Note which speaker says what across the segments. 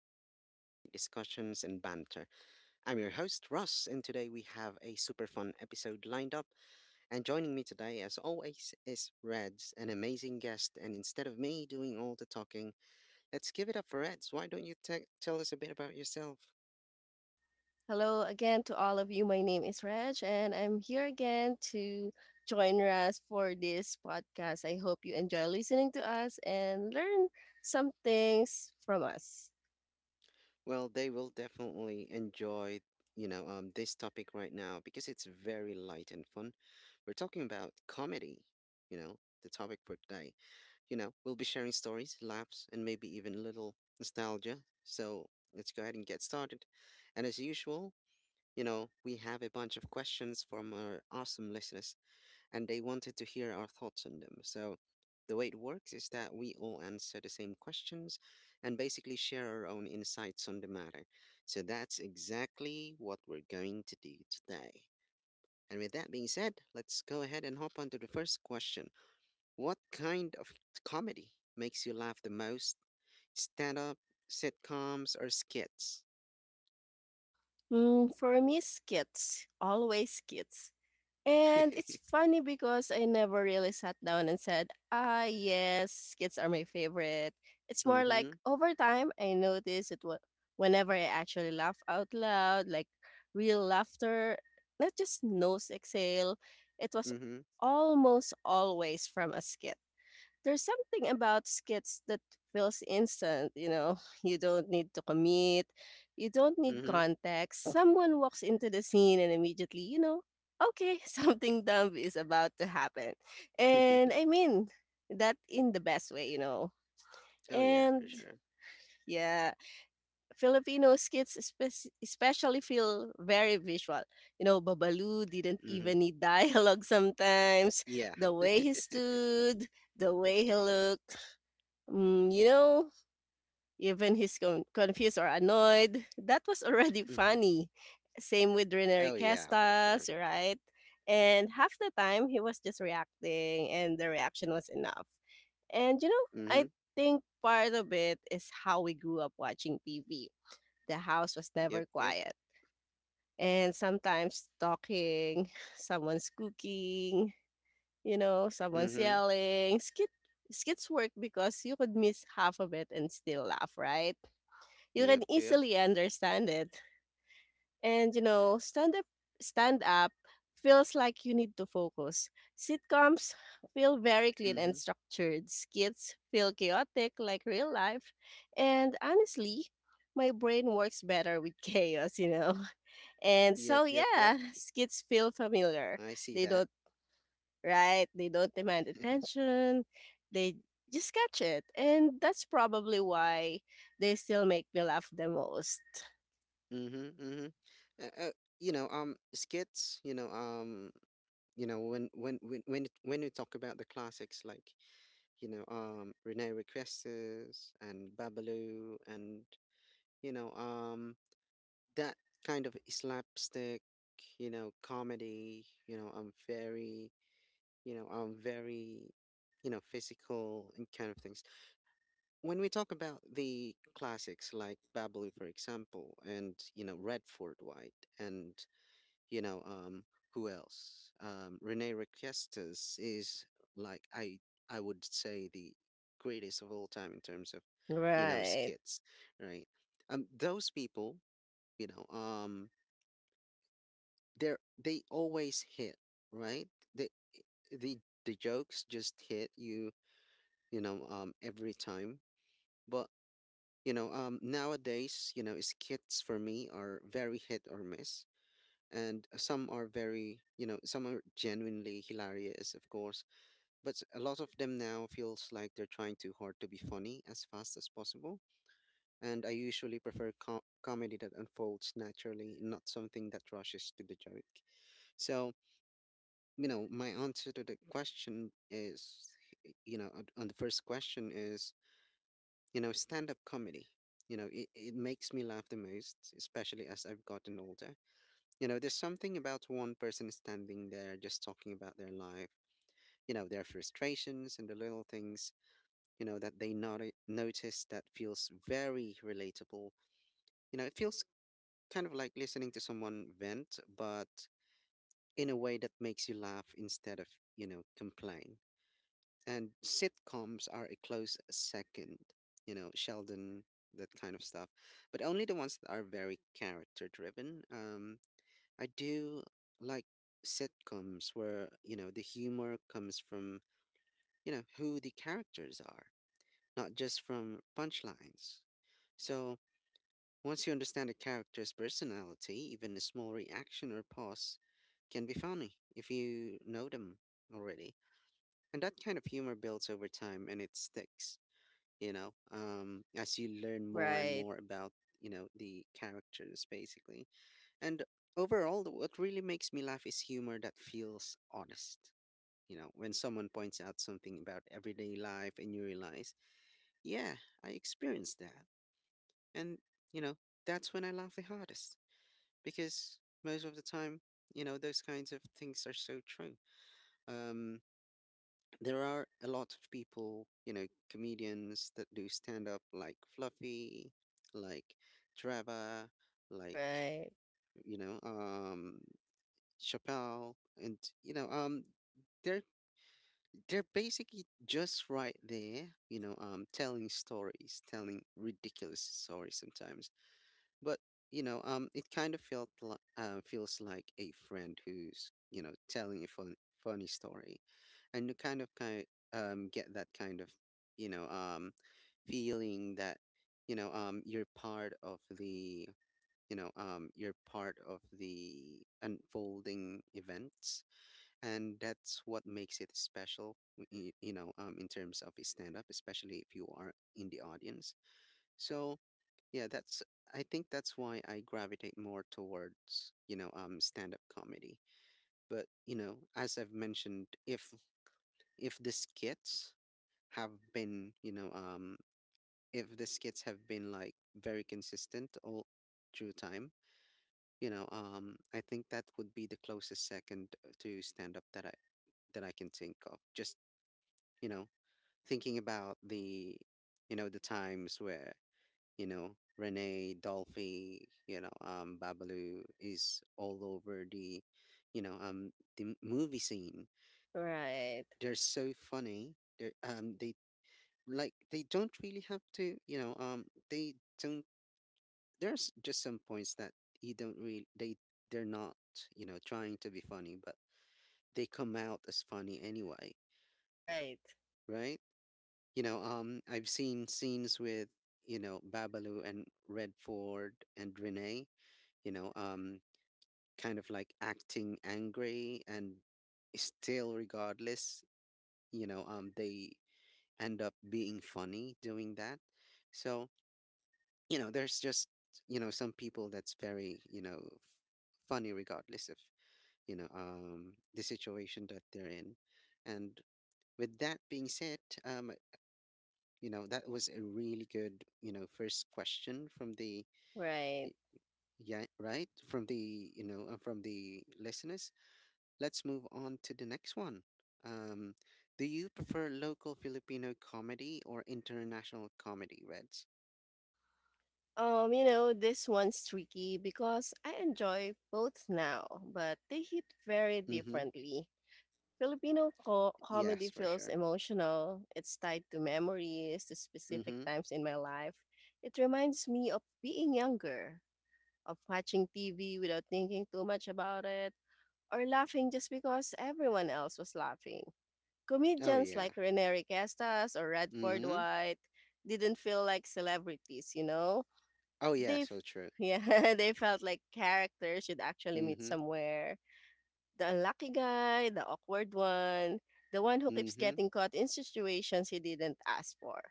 Speaker 1: your spot for light discussions and banter. I'm your host, Russ, and today we have a super fun episode lined up. And joining me today, as always, is Reds, an amazing guest. And instead of me doing all the talking, let's give it up for Reds. Why don't you tell us a bit about yourself?
Speaker 2: Hello again to all of you. My name is Reg, and I'm here again to join us for this podcast. I hope you enjoy listening to us and learn some things from us.
Speaker 1: Well, they will definitely enjoy, this topic right now because it's very light and fun. We're talking about comedy, you know, the topic for today. We'll be sharing stories, laughs, and maybe even a little nostalgia. So let's go ahead and get started. And as usual, we have a bunch of questions from our awesome listeners, and they wanted to hear our thoughts on them. So the way it works is that we all answer the same questions and basically share our own insights on the matter. So that's exactly what we're going to do today. And with that being said, let's go ahead and hop on to the first question. What kind of comedy makes you laugh the most? Stand up, sitcoms, or skits?
Speaker 2: For me, skits, always skits. And it's funny because I never really sat down and said, "Ah, yes, skits are my favorite." It's more
Speaker 1: Mm-hmm.
Speaker 2: like over time I noticed whenever I actually laugh out loud, like real laughter, not just nose exhale. It was
Speaker 1: Mm-hmm.
Speaker 2: almost always from a skit. There's something about skits that feels instant, you know? You don't need to commit, you don't need
Speaker 1: Mm-hmm.
Speaker 2: context. Someone walks into the scene and immediately, you know, okay, something dumb is about to happen. And I mean that in the best way, you know?
Speaker 1: Oh, yeah, for
Speaker 2: And
Speaker 1: sure.
Speaker 2: yeah, Filipino skits especially feel very visual. You know, Babalu didn't
Speaker 1: Mm-hmm.
Speaker 2: even need dialogue sometimes.
Speaker 1: Yeah.
Speaker 2: The way he stood, the way he looked, you know, even he's confused or annoyed. That was already
Speaker 1: Mm-hmm.
Speaker 2: funny. Same with Rene
Speaker 1: Oh, yeah, for sure.
Speaker 2: Castas, right? And half the time he was just reacting, and the reaction was enough. And you know,
Speaker 1: Mm-hmm.
Speaker 2: I think part of it is how we grew up watching TV. The house was
Speaker 1: Yep.
Speaker 2: never
Speaker 1: Yep.
Speaker 2: quiet, and sometimes talking, someone's cooking, you know, someone's
Speaker 1: Mm-hmm.
Speaker 2: yelling. Skits work because you could miss half of it and still laugh, right? You can
Speaker 1: Yep. Yep.
Speaker 2: easily understand it. And you know, stand up feels like you need to focus. Sitcoms feel very clean and
Speaker 1: Mm-hmm.
Speaker 2: structured. Skits feel chaotic like real life. And honestly, my brain works better with chaos, you know. And
Speaker 1: Yep.
Speaker 2: so
Speaker 1: Yep. Yep.
Speaker 2: yeah, skits feel familiar.
Speaker 1: I see
Speaker 2: They
Speaker 1: that.
Speaker 2: don't right? They don't demand attention. They just catch it. And that's probably why they still make me laugh the most.
Speaker 1: Mm-hmm. Mm-hmm. Uh, uh, Skits. You know, When we talk about the classics, like, Rene Requestas and Babalu, and you know, um, that kind of slapstick, comedy. I'm very, you know, I'm very, physical and kind of things. When we talk about the classics like Babalu, for example, and, Red Fort White, and you know um who else, Rene Requestas is, like, I would say the greatest of all time in terms of,
Speaker 2: Right.
Speaker 1: skits, right? Those people, you know um they always hit, right? they the the jokes just hit you, you know every time. But nowadays, skits for me are very hit or miss. And some are very some are genuinely hilarious, of course, but a lot of them now feels like they're trying too hard to be funny as fast as possible, and I usually prefer comedy that unfolds naturally, not something that rushes to the joke. So my answer to the question, is on the first question, is, stand up comedy. It makes me laugh the most, especially as I've gotten older. There's something about one person standing there just talking about their life, their frustrations and the little things, that they notice, that feels very relatable. It feels kind of like listening to someone vent, but in a way that makes you laugh instead of, complain. And sitcoms are a close second, Sheldon, that kind of stuff, but only the ones that are very character driven. I do like sitcoms where, the humor comes from, who the characters are, not just from punchlines. So once you understand a character's personality, even a small reaction or pause can be funny if you know them already. And that kind of humor builds over time and it sticks, as you learn more and
Speaker 2: Right.
Speaker 1: more about, the characters basically. And overall, what really makes me laugh is humor that feels honest. When someone points out something about everyday life and you realize, yeah, I experienced that. And, you know, that's when I laugh the hardest, because most of the time, those kinds of things are so true. Um, there are a lot of people, comedians that do stand up, like Fluffy, like Trevor, like,
Speaker 2: Right.
Speaker 1: you know, um, Chappelle. And they're they're basically just right there, telling stories, telling ridiculous stories sometimes. But it kind of felt like feels like a friend who's, telling a funny story, and you kind of kind get that kind of, you know um feeling that, you know um you're part of the you're part of the unfolding events, and that's what makes it special. In terms of a stand up, especially if you are in the audience. So yeah, that's I think that's why I gravitate more towards, stand up comedy. But as I've mentioned, if the skits have been, if the skits have been like very consistent all through time, I think that would be the closest second, to stand up that I that I can think of, just, you know thinking about the, the times where, Renee, Dolphy, Babalu is all over the, the movie scene.
Speaker 2: Right.
Speaker 1: They're so funny. They don't really have to, they don't. There's just some points that you don't really they they're not, trying to be funny, but they come out as funny anyway,
Speaker 2: Right.
Speaker 1: right? I've seen scenes with, Babalu and Redford and Renee, you know, um, kind of like acting angry, and still, regardless, they end up being funny doing that. So, there's just, some people that's very, funny regardless of, the situation that they're in. And with that being said, um, that was a really good, first question from the, y-
Speaker 2: Right.
Speaker 1: yeah, right? From the, from the listeners. Let's move on to the next one. Um, do you prefer local Filipino comedy or international comedy, Reds?
Speaker 2: You know, this one's tricky because I enjoy both now, but they hit very
Speaker 1: Mm-hmm.
Speaker 2: differently. Filipino co comedy
Speaker 1: Yes, for
Speaker 2: feels
Speaker 1: sure.
Speaker 2: emotional. It's tied to memories, to specific
Speaker 1: Mm-hmm.
Speaker 2: times in my life. It reminds me of being younger, of watching TV without thinking too much about it, or laughing just because everyone else was laughing.
Speaker 1: Oh,
Speaker 2: Comedians
Speaker 1: yeah.
Speaker 2: like Rene Requestas or Radford
Speaker 1: Mm-hmm.
Speaker 2: White didn't feel like celebrities, you know?
Speaker 1: Oh, yeah,
Speaker 2: They, f-
Speaker 1: so true.
Speaker 2: yeah, they felt like characters you'd actually meet
Speaker 1: Mm-hmm.
Speaker 2: somewhere. The unlucky guy, the awkward one, the one who keeps
Speaker 1: Mm-hmm.
Speaker 2: getting caught in situations he didn't ask for.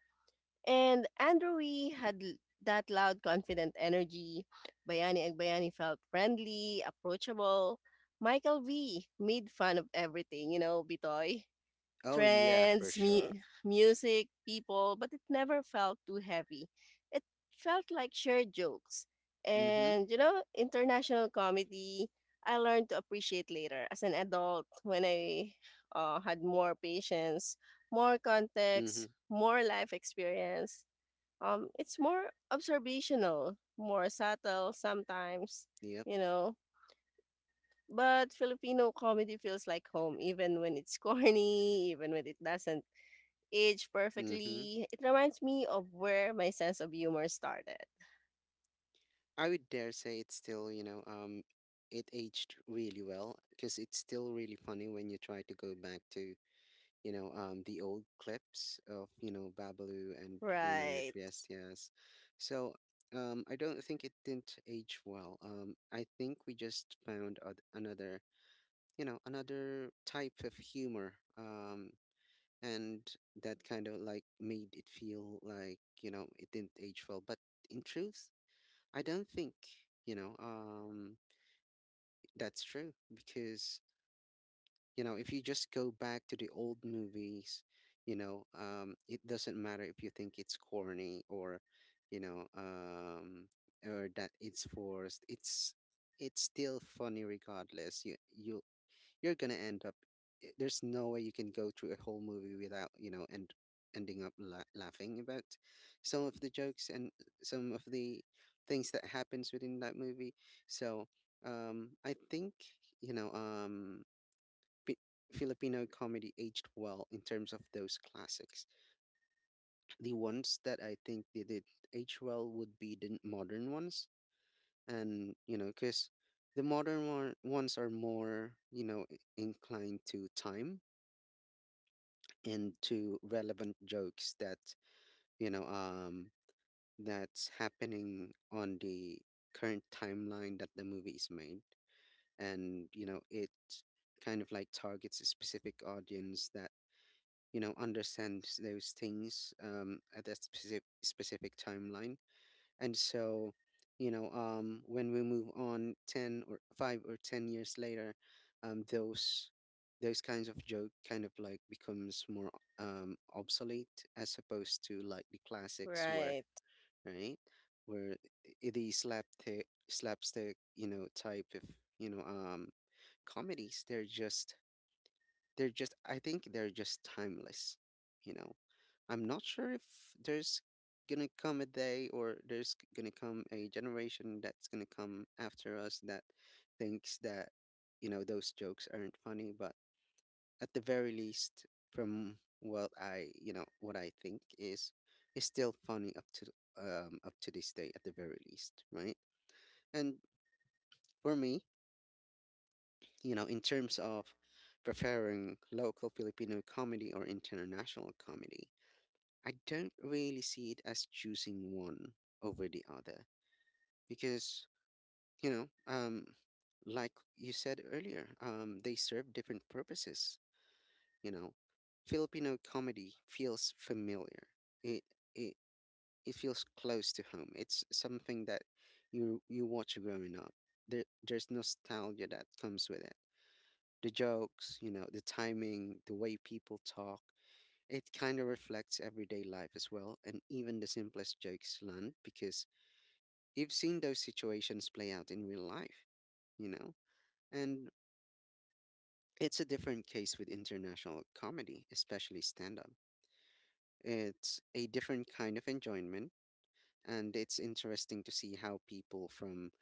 Speaker 2: And Andrew Wee
Speaker 1: Mm-hmm.
Speaker 2: had that loud, confident energy. Bayani Agbayani felt friendly, approachable. Michael V made fun of everything, you know, Bitoy,
Speaker 1: Oh, yeah, for
Speaker 2: trends,
Speaker 1: sure.
Speaker 2: music, people, but it never felt too heavy. It felt like shared jokes.
Speaker 1: Mm-hmm.
Speaker 2: And, you know, international comedy, I learned to appreciate later as an adult when I had more patience, more
Speaker 1: Mm-hmm.
Speaker 2: context, more life experience. It's more observational, more subtle sometimes,
Speaker 1: Yep.
Speaker 2: you know. But Filipino comedy feels like home, even when it's corny, even when it doesn't age
Speaker 1: Mm-hmm.
Speaker 2: perfectly, it reminds me of where my sense of humor started.
Speaker 1: I would dare say it's still, it aged really well, because it's still really funny when you try to go back to, the old clips of, Babalu and Rene
Speaker 2: Right,
Speaker 1: Requiestas. So, I don't think it didn't age well. I think we just found another, another type of humor. And that kind of like made it feel like, it didn't age well. But in truth, I don't think, you know, um, that's true, because, if you just go back to the old movies, it doesn't matter if you think it's corny, you know, um, or that it's forced. It's still funny regardless. You're gonna end up There's no way you can go through a whole movie without, you know and ending up laughing about some of the jokes and some of the things that happens within that movie. So, I think, you know um Pi- Filipino comedy aged well in terms of those classics. The ones that I think they did age well would be the modern ones. And because the ones are more, inclined to time, into relevant jokes that, you know um that's happening on the current timeline that the movie is made, and it kind of like targets a specific audience that, understands those things, at that specific timeline. And so, when we move on 10 or 5 or 10 years later, um those those kinds of joke kind of like becomes more, obsolete, as opposed to like the classics were,
Speaker 2: right,
Speaker 1: right? Where the slapstick, type of, you know um comedies, they're just, I think, they're just timeless, you know. I'm not sure if there's gonna come a day, or there's gonna come a generation that's gonna come after us that thinks that, those jokes aren't funny, but at the very least, from what I you know what I think is still funny up to, this day, at the very least, right? And for me, in terms of preferring local Filipino comedy or international comedy, I don't really see it as choosing one over the other, because, you know, um, like you said earlier, they serve different purposes. You know, Filipino comedy feels familiar. It it it feels close to home. It's something that you watch growing up. There's nostalgia that comes with it: the jokes, the timing, the way people talk. It kind of reflects everyday life as well, and even the simplest jokes land because you've seen those situations play out in real life, you know? And it's a different case with international comedy, especially stand up. It's a different kind of enjoyment, and it's interesting to see how people from,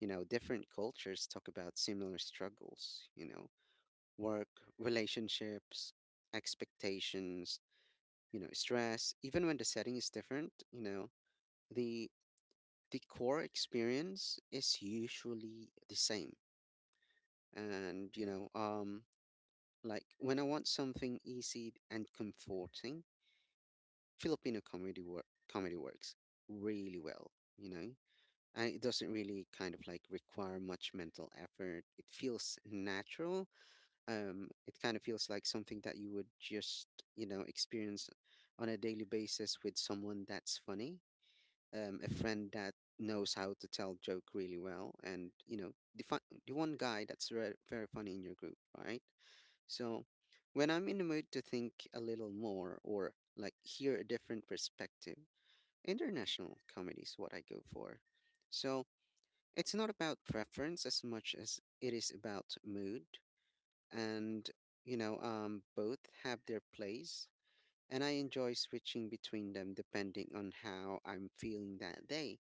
Speaker 1: different cultures talk about similar struggles, work, relationships, expectations, stress, even when the setting is different. You know the the core experience is usually the same. And like when I want something easy and comforting, Filipino comedy work comedy works really well. You know I, it doesn't really kind of like require much mental effort. It feels natural. It kind of feels like something that you would just experience on a daily basis with someone that's funny, a friend that knows how to tell joke really well, and the one guy that's very funny in your group, right? So when I'm in the mood to think a little more or like hear a different perspective, international comedy is what I go for. So it's not about preference as much as it is about mood. And both have their place, and I enjoy switching between them depending on how I'm feeling that day.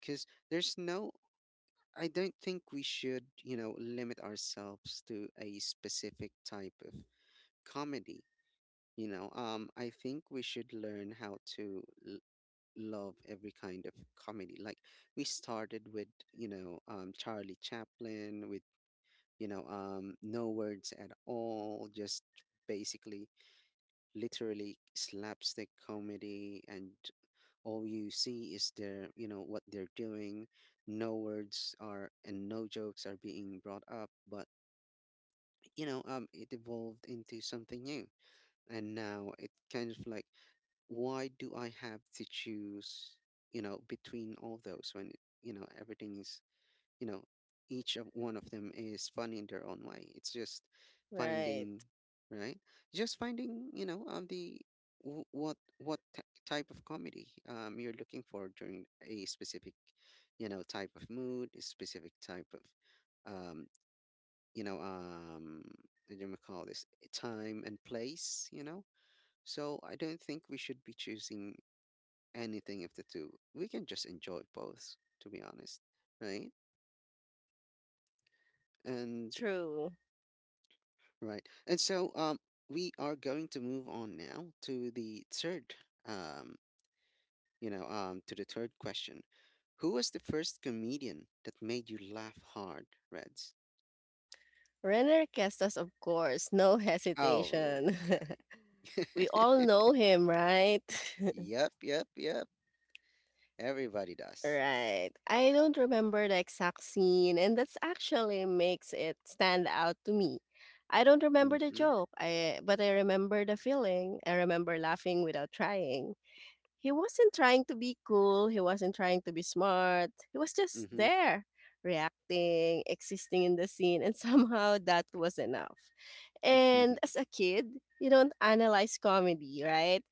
Speaker 1: Because there's no, I don't think we should limit ourselves to a specific type of comedy. I think we should learn how to l- love every kind of comedy. Like, we started with Charlie Chaplin, with no words at all, just basically literally slapstick comedy, and all you see is their you know what they're doing. No words are and no jokes are being brought up, but it evolved into something new. And now it kind of like, why do I have to choose, between all those, when everything is, you know each of one of them is funny in their own way. It's just
Speaker 2: right.
Speaker 1: finding right, just finding the what type of comedy you're looking for during a specific, type of mood, a specific type of, um you know um what do you call this, time and place, so I don't think we should be choosing anything of the two. We can just enjoy both, to be honest, right? And
Speaker 2: True.
Speaker 1: right. And so we are going to move on now um to the third question. Who was the first comedian that made you laugh hard, Reds?
Speaker 2: Renner Kestas, of course, no
Speaker 1: Oh,
Speaker 2: hesitation.
Speaker 1: okay.
Speaker 2: We all know him, right?
Speaker 1: Yep, yep, yep. Everybody does.
Speaker 2: Right. I don't remember the exact scene, and that's actually makes it stand out to me. I don't remember the
Speaker 1: Mm-hmm.
Speaker 2: joke, I but I remember the feeling. I remember laughing without trying. He wasn't trying to be cool, he wasn't trying to be smart. He was just
Speaker 1: Mm-hmm.
Speaker 2: there, reacting, existing in the scene, and somehow that was enough. And as a kid, you don't analyze comedy, right?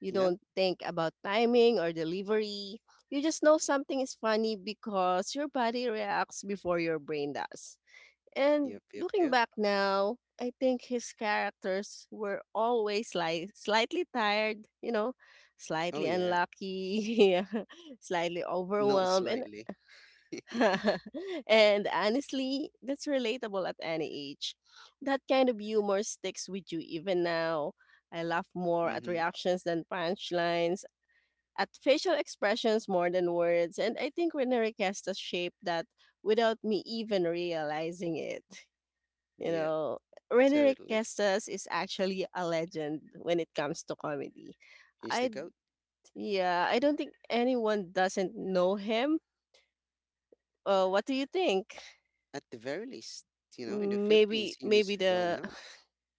Speaker 2: You
Speaker 1: Yep,
Speaker 2: don't think about timing or delivery. You just know something is funny because your body reacts before your brain does. And
Speaker 1: yep, yep,
Speaker 2: looking
Speaker 1: yep.
Speaker 2: back now, I think his characters were always like slightly tired, you know,
Speaker 1: Oh
Speaker 2: slightly
Speaker 1: yeah.
Speaker 2: unlucky, slightly
Speaker 1: Not
Speaker 2: overwhelmed, and
Speaker 1: slightly.
Speaker 2: and honestly, that's relatable at any age. That kind of humor sticks with you even now. I laugh more at
Speaker 1: Mm-hmm.
Speaker 2: reactions than punchlines, at facial expressions more than words, and I think Rene Requesta shaped that without me even realizing it. You
Speaker 1: Yep,
Speaker 2: know, Rene
Speaker 1: totally.
Speaker 2: Requestas is actually a legend when it comes to comedy.
Speaker 1: He's the
Speaker 2: I
Speaker 1: goat.
Speaker 2: yeah, I don't think anyone doesn't know him. What do you think?
Speaker 1: At the very least, in the Philippines
Speaker 2: Maybe
Speaker 1: he is
Speaker 2: maybe
Speaker 1: well
Speaker 2: the
Speaker 1: known.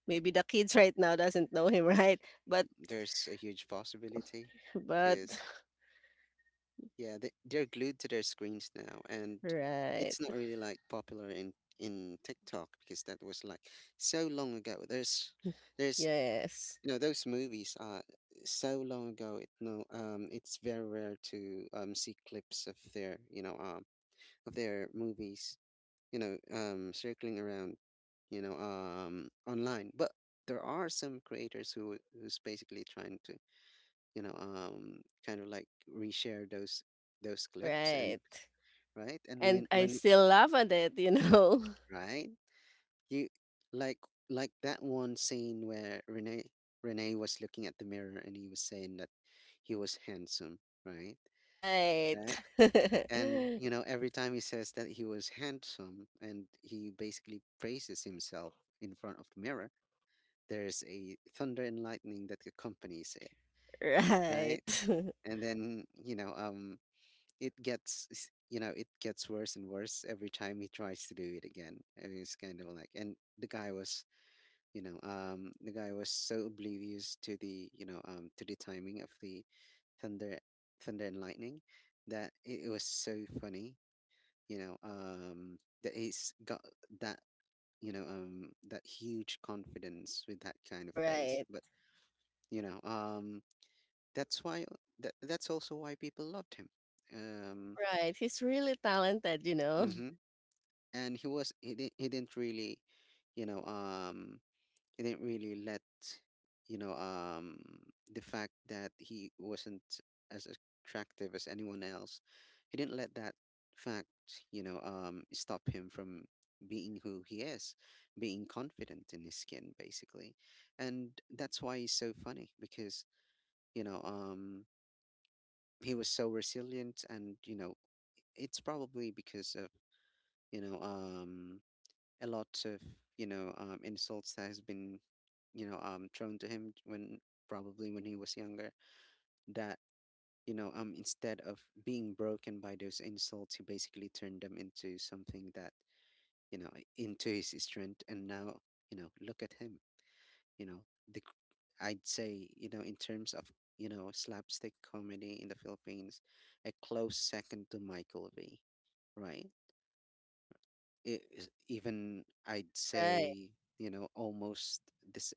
Speaker 2: maybe the kids right now doesn't know him, right? But
Speaker 1: There's a huge possibility,
Speaker 2: but
Speaker 1: because yeah, they're glued to their screens now, and
Speaker 2: Right.
Speaker 1: it's not really like popular in TikTok, because that was like so long ago. There's
Speaker 2: Yes.
Speaker 1: you know Those movies are so long ago. It no um it's very rare to see clips of their you know of their movies circling around online. But there are some creators who's basically trying to kind of like reshare those clips. And
Speaker 2: Right.
Speaker 1: right, and
Speaker 2: And I
Speaker 1: when
Speaker 2: still laugh at it, you know.
Speaker 1: right, you like like that one scene where Renee was looking at the mirror, and he was saying that he was handsome, right,
Speaker 2: Right.
Speaker 1: right. And
Speaker 2: Right.
Speaker 1: every time he says that he was handsome and he basically praises himself in front of the mirror, there's a thunder and lightning that accompanies it, right. And then it gets s- you know it gets worse and worse every time he tries to do it again. I mean, it's kind of like, and the guy was you know the guy was so oblivious to the timing of the thunder thunder and lightning, that it was so funny. That he's got that you know that huge confidence, with that kind of face.
Speaker 2: Right.
Speaker 1: But you know um that's why that's also why people loved him. um
Speaker 2: Right. He's really talented, you know.
Speaker 1: mhm, and he didn't really you know um let you know um the fact that he wasn't as attractive as anyone else, he didn't let that fact stop him from being who he is, being confident in his skin basically. And that's why he's so funny, because you know um he was so resilient. And it's probably because of you know um a lot of insults that has been thrown to him when probably when he was younger, that instead of being broken by those insults, he basically turned them into something that you know, into his strength. And now look at him. You know the i i'd say, in terms of slapstick comedy in the Philippines, a close second to Michael V, right? Is even, I'd
Speaker 2: Right.
Speaker 1: say, almost this the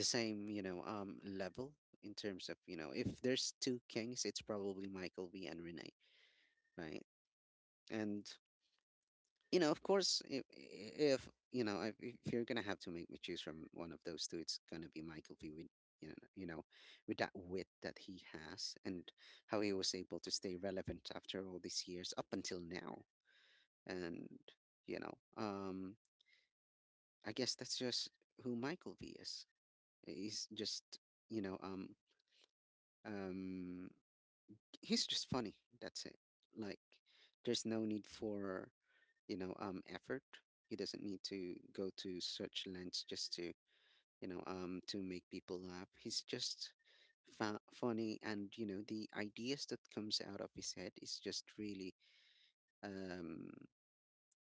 Speaker 1: same, level in terms of, if there's two kings, it's probably Michael B and Renee, right? And, of course, if you're gonna have to make me choose from one of those two, it's gonna be Michael B, with you know, you know, with that wit that he has and how he was able to stay relevant after all these years up until now. And you know, um I guess that's just who Michael V is. He's just, you know, um, um, he's just funny. That's it. Like, there's no need for, effort. He doesn't need to go to such lengths just to make people laugh. He's just funny, and the ideas that comes out of his head is just really, um,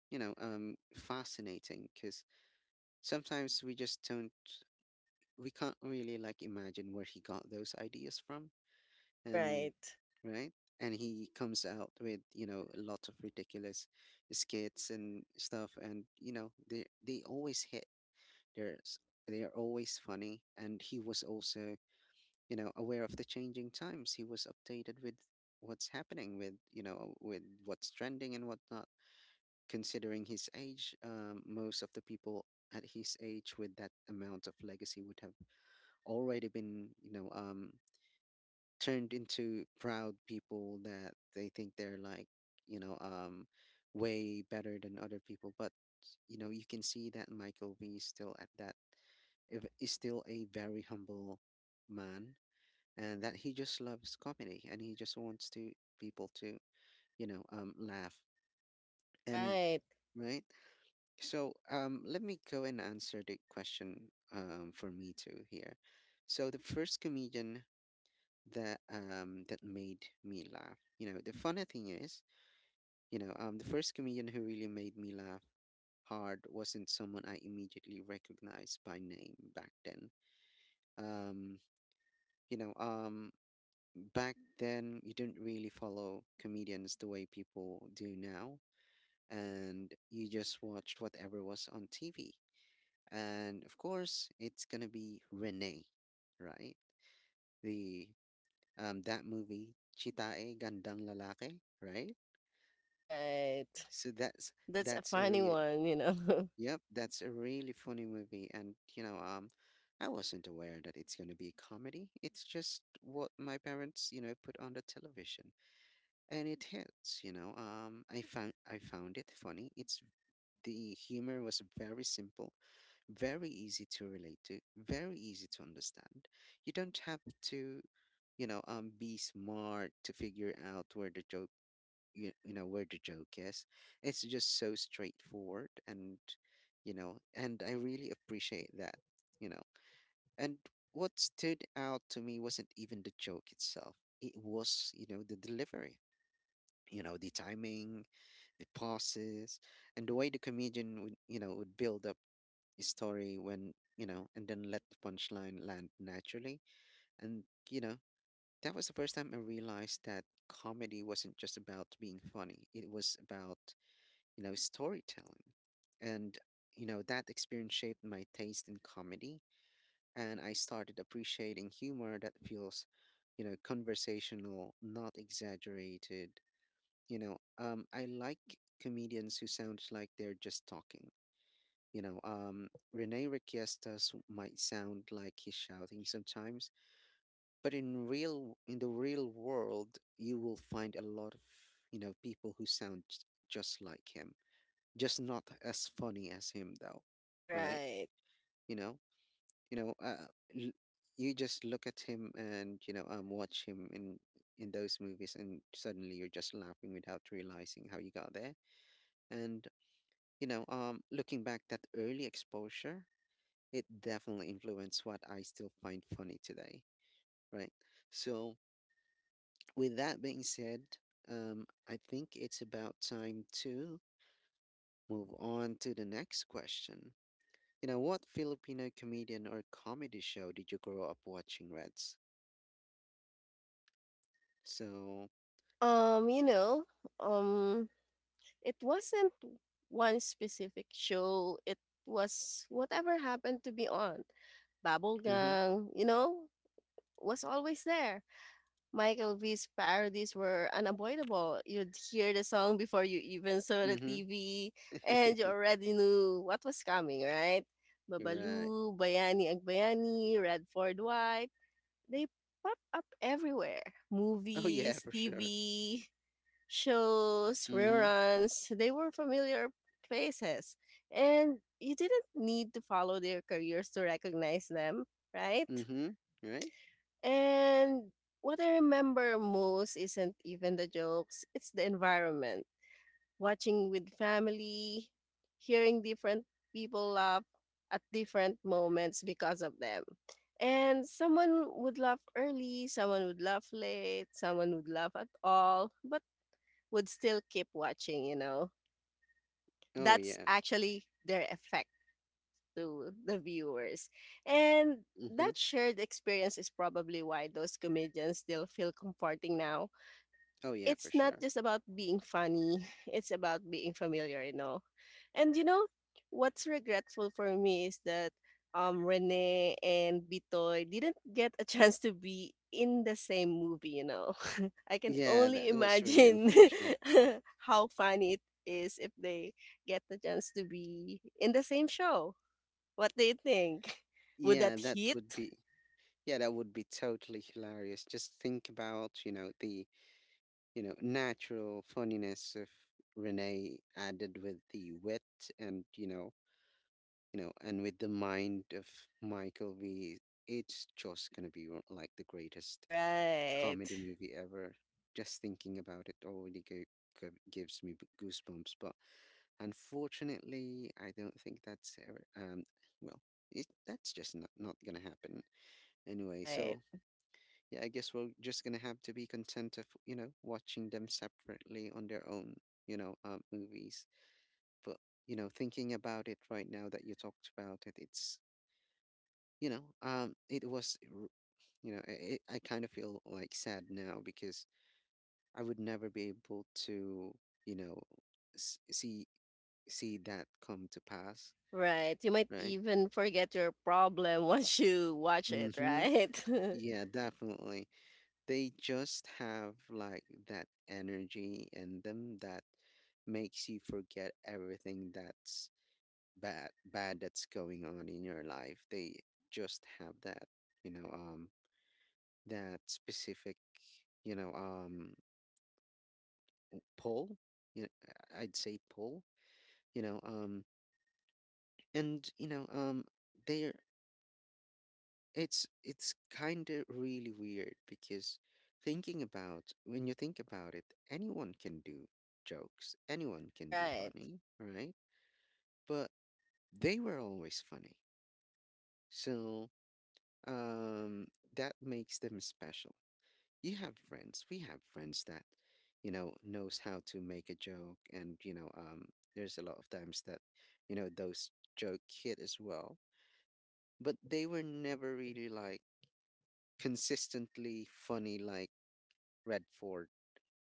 Speaker 1: fascinating. Because sometimes we just don't, we can't really like imagine where he got those ideas from. And
Speaker 2: Right.
Speaker 1: right, and he comes out with lots of ridiculous skits and stuff, and they always hit. They're they're always funny, and he was also aware of the changing times. He was updated with what's happening, with you know with what's trending and whatnot. Considering his age, most of the people at his age with that amount of legacy would have already been, turned into proud people, that they think they're like, you know um way better than other people. But you can see that Michael B is still at that if- is still a very humble man, and that he just loves comedy and he just wants to people to laugh. And
Speaker 2: Right.
Speaker 1: right. So let me go and answer the question, for me too, here. So the first comedian that made me laugh. You know, the funny thing is, the first comedian who really made me laugh hard wasn't someone I immediately recognized by name back then. Um, you know, um back then you didn't really follow comedians the way people do now, and you just watched whatever was on TV. And of course, it's going to be Rene, right? The that movie Chitae Gandang Lalaki, right?
Speaker 2: Right.
Speaker 1: So
Speaker 2: That's a
Speaker 1: that's a
Speaker 2: funny
Speaker 1: really
Speaker 2: one, you know.
Speaker 1: yep, that's a really funny movie. And I wasn't aware that it's going to be a comedy. It's just what my parents, put on the television, and it hits. I found it funny. It's the humor was very simple, very easy to relate to, very easy to understand. You don't have to, be smart to figure out where the joke is. It's just so straightforward, and and I really appreciate that. you know and what stood out to me wasn't even the joke itself. It was the delivery, the timing, the pauses, and the way the comedian would you know would build up a story, when you know and then let the punchline land naturally. And you know that was the first time I realized that comedy wasn't just about being funny, it was about, storytelling. And, that experience shaped my taste in comedy, and I started appreciating humor that feels, conversational, not exaggerated. I like comedians who sound like they're just talking. Rene Requiestas might sound like he's shouting sometimes, but in the real world, you will find a lot of people who sound just like him, just not as funny as him though. Right.
Speaker 2: Right.
Speaker 1: you know you know uh, l- you just look at him and watch him in those movies, and suddenly you're just laughing without realizing how you got there. And looking back, that early exposure, it definitely influenced what I still find funny today, right? So, with that being said, I think it's about time to move on to the next question. You know, what Filipino comedian or comedy show did you grow up watching, Reds? So,
Speaker 2: You know, um it wasn't one specific show. It was whatever happened to be on.
Speaker 1: mm-hmm,
Speaker 2: Bubblegum, you know, was always there. Michael V's parodies were unavoidable. You'd hear the song before you even saw the
Speaker 1: mm-hmm.
Speaker 2: TV, and you already knew what was coming, right?
Speaker 1: You're right.
Speaker 2: Babalu, Bayani Agbayani, Radford White, they pop up everywhere.
Speaker 1: Oh yeah,
Speaker 2: Movies,
Speaker 1: for sure.
Speaker 2: TV, shows,
Speaker 1: Mm-hmm,
Speaker 2: reruns, they were familiar faces. And you didn't need to follow their careers to recognize them, right?
Speaker 1: mm-hmm. Right?
Speaker 2: And what I remember most isn't even the jokes, it's the environment. Watching with family, hearing different people laugh at different moments because of them. And someone would laugh early, someone would laugh late, someone would laugh at all, but would still keep watching, you know.
Speaker 1: Oh
Speaker 2: That's
Speaker 1: yeah.
Speaker 2: actually their effect to the viewers. And
Speaker 1: Mm-hmm.
Speaker 2: that shared experience is probably why those comedians still feel comforting now.
Speaker 1: Oh yeah,
Speaker 2: It's
Speaker 1: for
Speaker 2: not
Speaker 1: sure.
Speaker 2: just about being funny, it's about being familiar, you know. And you know, what's regretful for me is that Rene and Bitoy didn't get a chance to be in the same movie, you know. I can
Speaker 1: Yeah,
Speaker 2: only
Speaker 1: that was really
Speaker 2: imagine
Speaker 1: unfortunate.
Speaker 2: how funny it is if they get the chance to be in the same show. What do you think? Would
Speaker 1: Yeah,
Speaker 2: that
Speaker 1: that
Speaker 2: hit?
Speaker 1: would be yeah, that would be totally hilarious. Just think about, you know, the, you know, natural funniness of Renee added with the wit, and, you know, and with the mind of Michael V, it's just gonna be like the greatest
Speaker 2: Right.
Speaker 1: comedy movie ever. Just thinking about it already gives me goosebumps. But unfortunately, I don't think that's ever. Well, that's just not gonna happen anyway.
Speaker 2: Right.
Speaker 1: So yeah, I guess we're just gonna have to be content of, you know, watching them separately on their own. You know, movies, but you know, thinking about it right now that you talked about it, it's you know it was r- you know I kind of feel like sad now because I would never be able to, you know, s- see see that come to pass,
Speaker 2: Right. You might
Speaker 1: right?
Speaker 2: even forget your problem once you watch it,
Speaker 1: Mm-hmm.
Speaker 2: right?
Speaker 1: Yeah, definitely. They just have like that energy in them that makes you forget everything that's bad that's going on in your life. They just have that, you know, um, that specific, you know, um, pull. You know, I'd say pull. You know, and you know, they're it's kind of really weird because thinking about when you think about it, anyone can do jokes. Anyone can be
Speaker 2: Right.
Speaker 1: funny, right? But they were always funny, so um, that makes them special. You have friends We have friends that, you know, knows how to make a joke, and you know, um, there's a lot of times that, you know, those joke hit as well, but they were never really like consistently funny like Redford,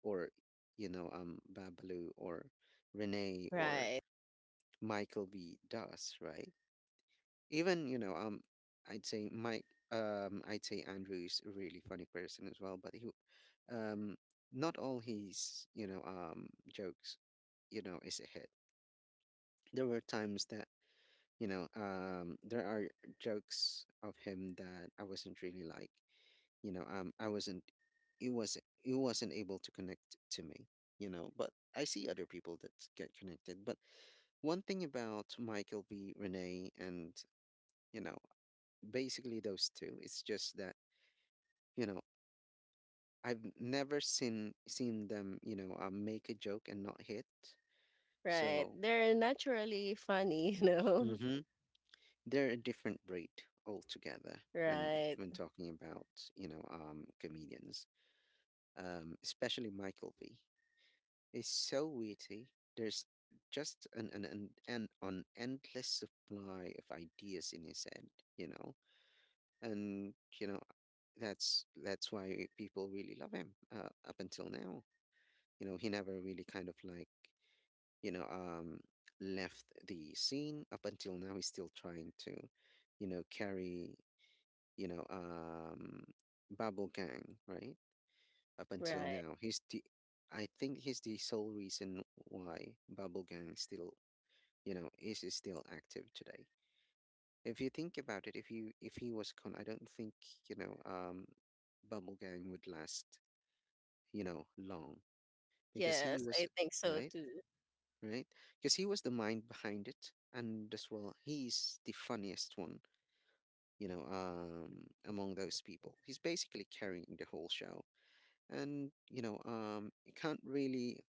Speaker 1: or, you know, um, Babalu, or Renee, or
Speaker 2: Right.
Speaker 1: Michael B does, right? Even, you know, um, i'd say mike I'd say Andrew is a really funny person as well, but he, um, not all his, you know, um, jokes, you know, is a hit. There were times that, you know, um, there are jokes of him that I wasn't really like, you know, um, I wasn't it was it wasn't able to connect to me, you know. But I see other people that get connected. But one thing about Michael B, Renee, and, you know, basically those two. It's just that, you know, I've never seen them, you know, make a joke and not hit.
Speaker 2: Right.
Speaker 1: So
Speaker 2: They're naturally funny, you know?
Speaker 1: hmm, they're a different breed altogether when
Speaker 2: Right.
Speaker 1: talking about, you know, comedians. Especially Michael V. He's so witty. There's just an endless supply of ideas in his head, you know. And you know, that's why people really love him, up until now. You know, he never really kind of like, you know, left the scene up until now. He's still trying to, you know, carry, you know, Bubble Gang, right? Up until
Speaker 2: Right.
Speaker 1: now, I think he's the sole reason why Bubble Gang still, you know, is still active today. If you think about it, if he was con, I don't think, you know, Bubble Gang would last, you know, long because
Speaker 2: Yes,
Speaker 1: he
Speaker 2: I
Speaker 1: was
Speaker 2: think so
Speaker 1: right.
Speaker 2: too.
Speaker 1: Right? Because he was the mind behind it, and as well, he's the funniest one, you know, among those people. He's basically carrying the whole show, and you know, you can't really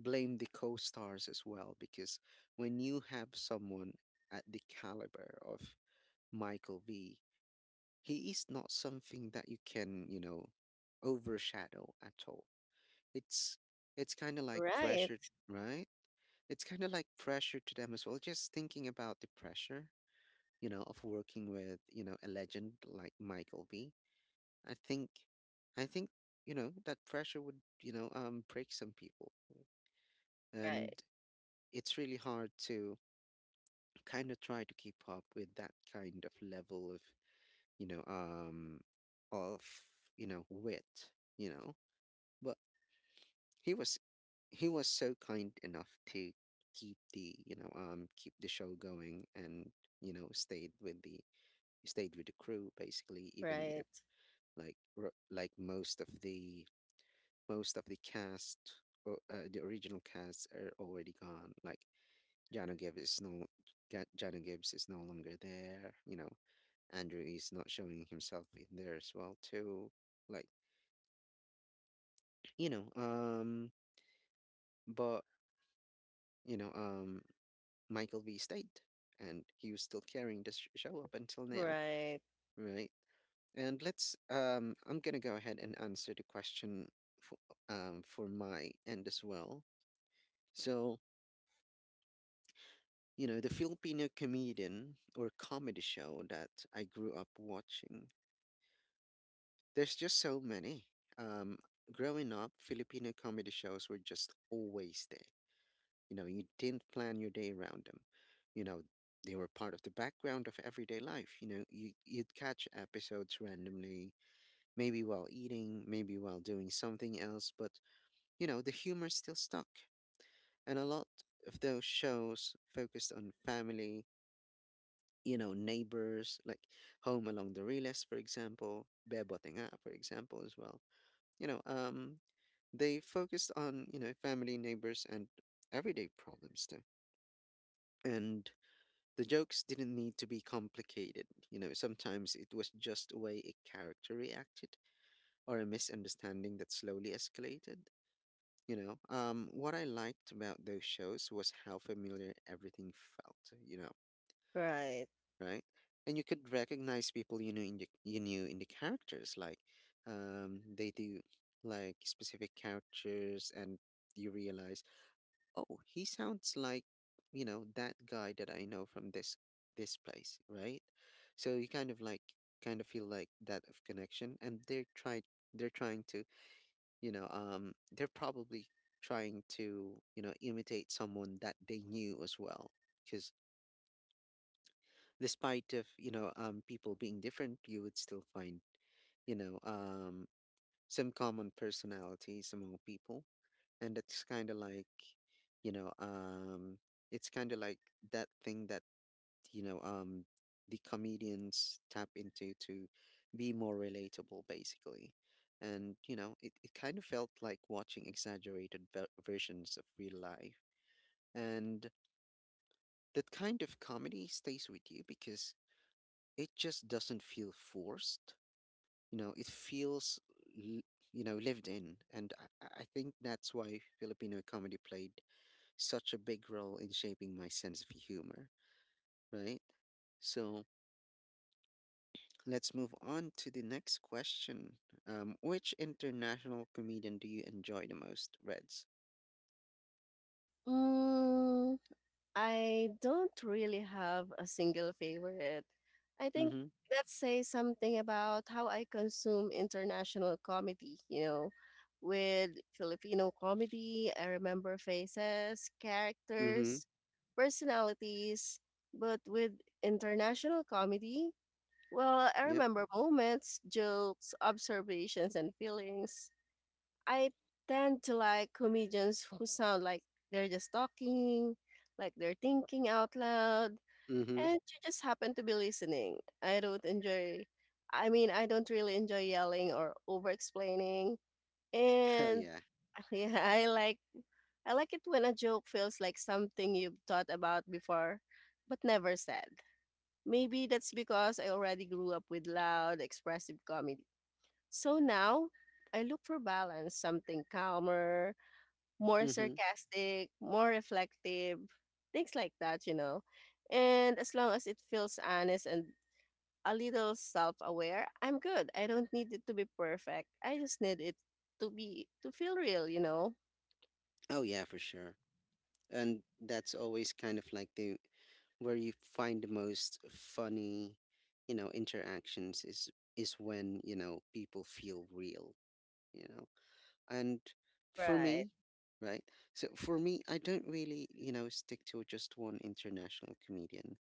Speaker 1: blame the co-stars as well, because when you have someone at the caliber of Michael V, he is not something that you can, you know, overshadow at all. It's it's kind of like pressure,
Speaker 2: Right.
Speaker 1: right? It's kind of like pressure to them as well. Just thinking about the pressure, you know, of working with, you know, a legend like Michael B. I think, I think, you know, that pressure would, you know, break some people,
Speaker 2: Right.
Speaker 1: and it's really hard to kind of try to keep up with that kind of level you know, um, of, you know, wit, you know. He was he was so kind enough to keep the, you know, um, keep the show going, and you know, stayed with the crew basically, even if
Speaker 2: Right.
Speaker 1: most of the, most of the cast, or the original cast are already gone, like Jano Gibbs is no Jano Gibbs is no longer there, you know. Andrew is not showing himself in there as well too, like, you know, um, but you know, um, Michael B. stayed, and he was still carrying the show up until now,
Speaker 2: Right.
Speaker 1: right? And let's I'm gonna go ahead and answer the question for for my end as well. So you know, the Filipino comedian or comedy show that I grew up watching. There's just so many. Um, growing up, Filipino comedy shows were just always there. You know, you didn't plan your day around them. You know, they were part of the background of everyday life. You know, you'd catch episodes randomly, maybe while eating, maybe while doing something else, but, you know, the humor still stuck. And a lot of those shows focused on family, you know, neighbors, like Home Along the Reles, for example, Bebo Tenga, for example, as well. You know, they focused on, you know, family, neighbors, and everyday problems too. And the jokes didn't need to be complicated. You know, sometimes it was just a way a character reacted, or a misunderstanding that slowly escalated. You know, what I liked about those shows was how familiar everything felt, you know,
Speaker 2: Right.
Speaker 1: right? And you could recognize people you knew in the, you knew in the characters, like they do like specific characters, and you realize, oh, he sounds like, you know, that guy that I know from this place, right? So you kind of like kind of feel like that of connection, and they're trying to, you know, um, they're probably trying to, you know, imitate someone that they knew as well. Because despite of, you know, um, people being different, you would still find, you know, um, some common personalities among people, and it's kind of like, you know, um, it's kind of like that thing that, you know, um, the comedians tap into to be more relatable basically. And you know, it kind of felt like watching exaggerated versions of real life, and that kind of comedy stays with you because it just doesn't feel forced. You know, it feels, l- you know, lived in. And I think that's why Filipino comedy played such a big role in shaping my sense of humor, right? So let's move on to the next question. Which international comedian do you enjoy the most, Reds?
Speaker 2: Mm, I don't really have a single favorite. I think
Speaker 1: Mm-hmm.
Speaker 2: that says something about how I consume international comedy, you know. With Filipino comedy, I remember faces,
Speaker 1: Mm-hmm.
Speaker 2: characters, personalities, but with international comedy, well, I
Speaker 1: Yep.
Speaker 2: remember moments, jokes, observations, and feelings. I tend to like comedians who sound like they're just talking, like they're thinking out loud,
Speaker 1: Mm-hmm.
Speaker 2: and you just happen to be listening. I mean, I don't really enjoy yelling or over explaining.
Speaker 1: Oh
Speaker 2: And
Speaker 1: yeah.
Speaker 2: yeah, I like it when a joke feels like something you've thought about before but never said. Maybe that's because I already grew up with loud, expressive comedy. So now, I look for balance, something calmer, more
Speaker 1: Mm-hmm.
Speaker 2: sarcastic, more reflective, things like that, you know. And as long as it feels honest and a little self aware, I'm good. I don't need it to be perfect. I just need it to be, to feel real, you know.
Speaker 1: Oh yeah, for sure. And that's always kind of like the where you find the most funny, you know, interactions is when, you know, people feel real, you know. And for
Speaker 2: Right,
Speaker 1: me, right? So for me, I don't really, you know, stick to just one international comedian.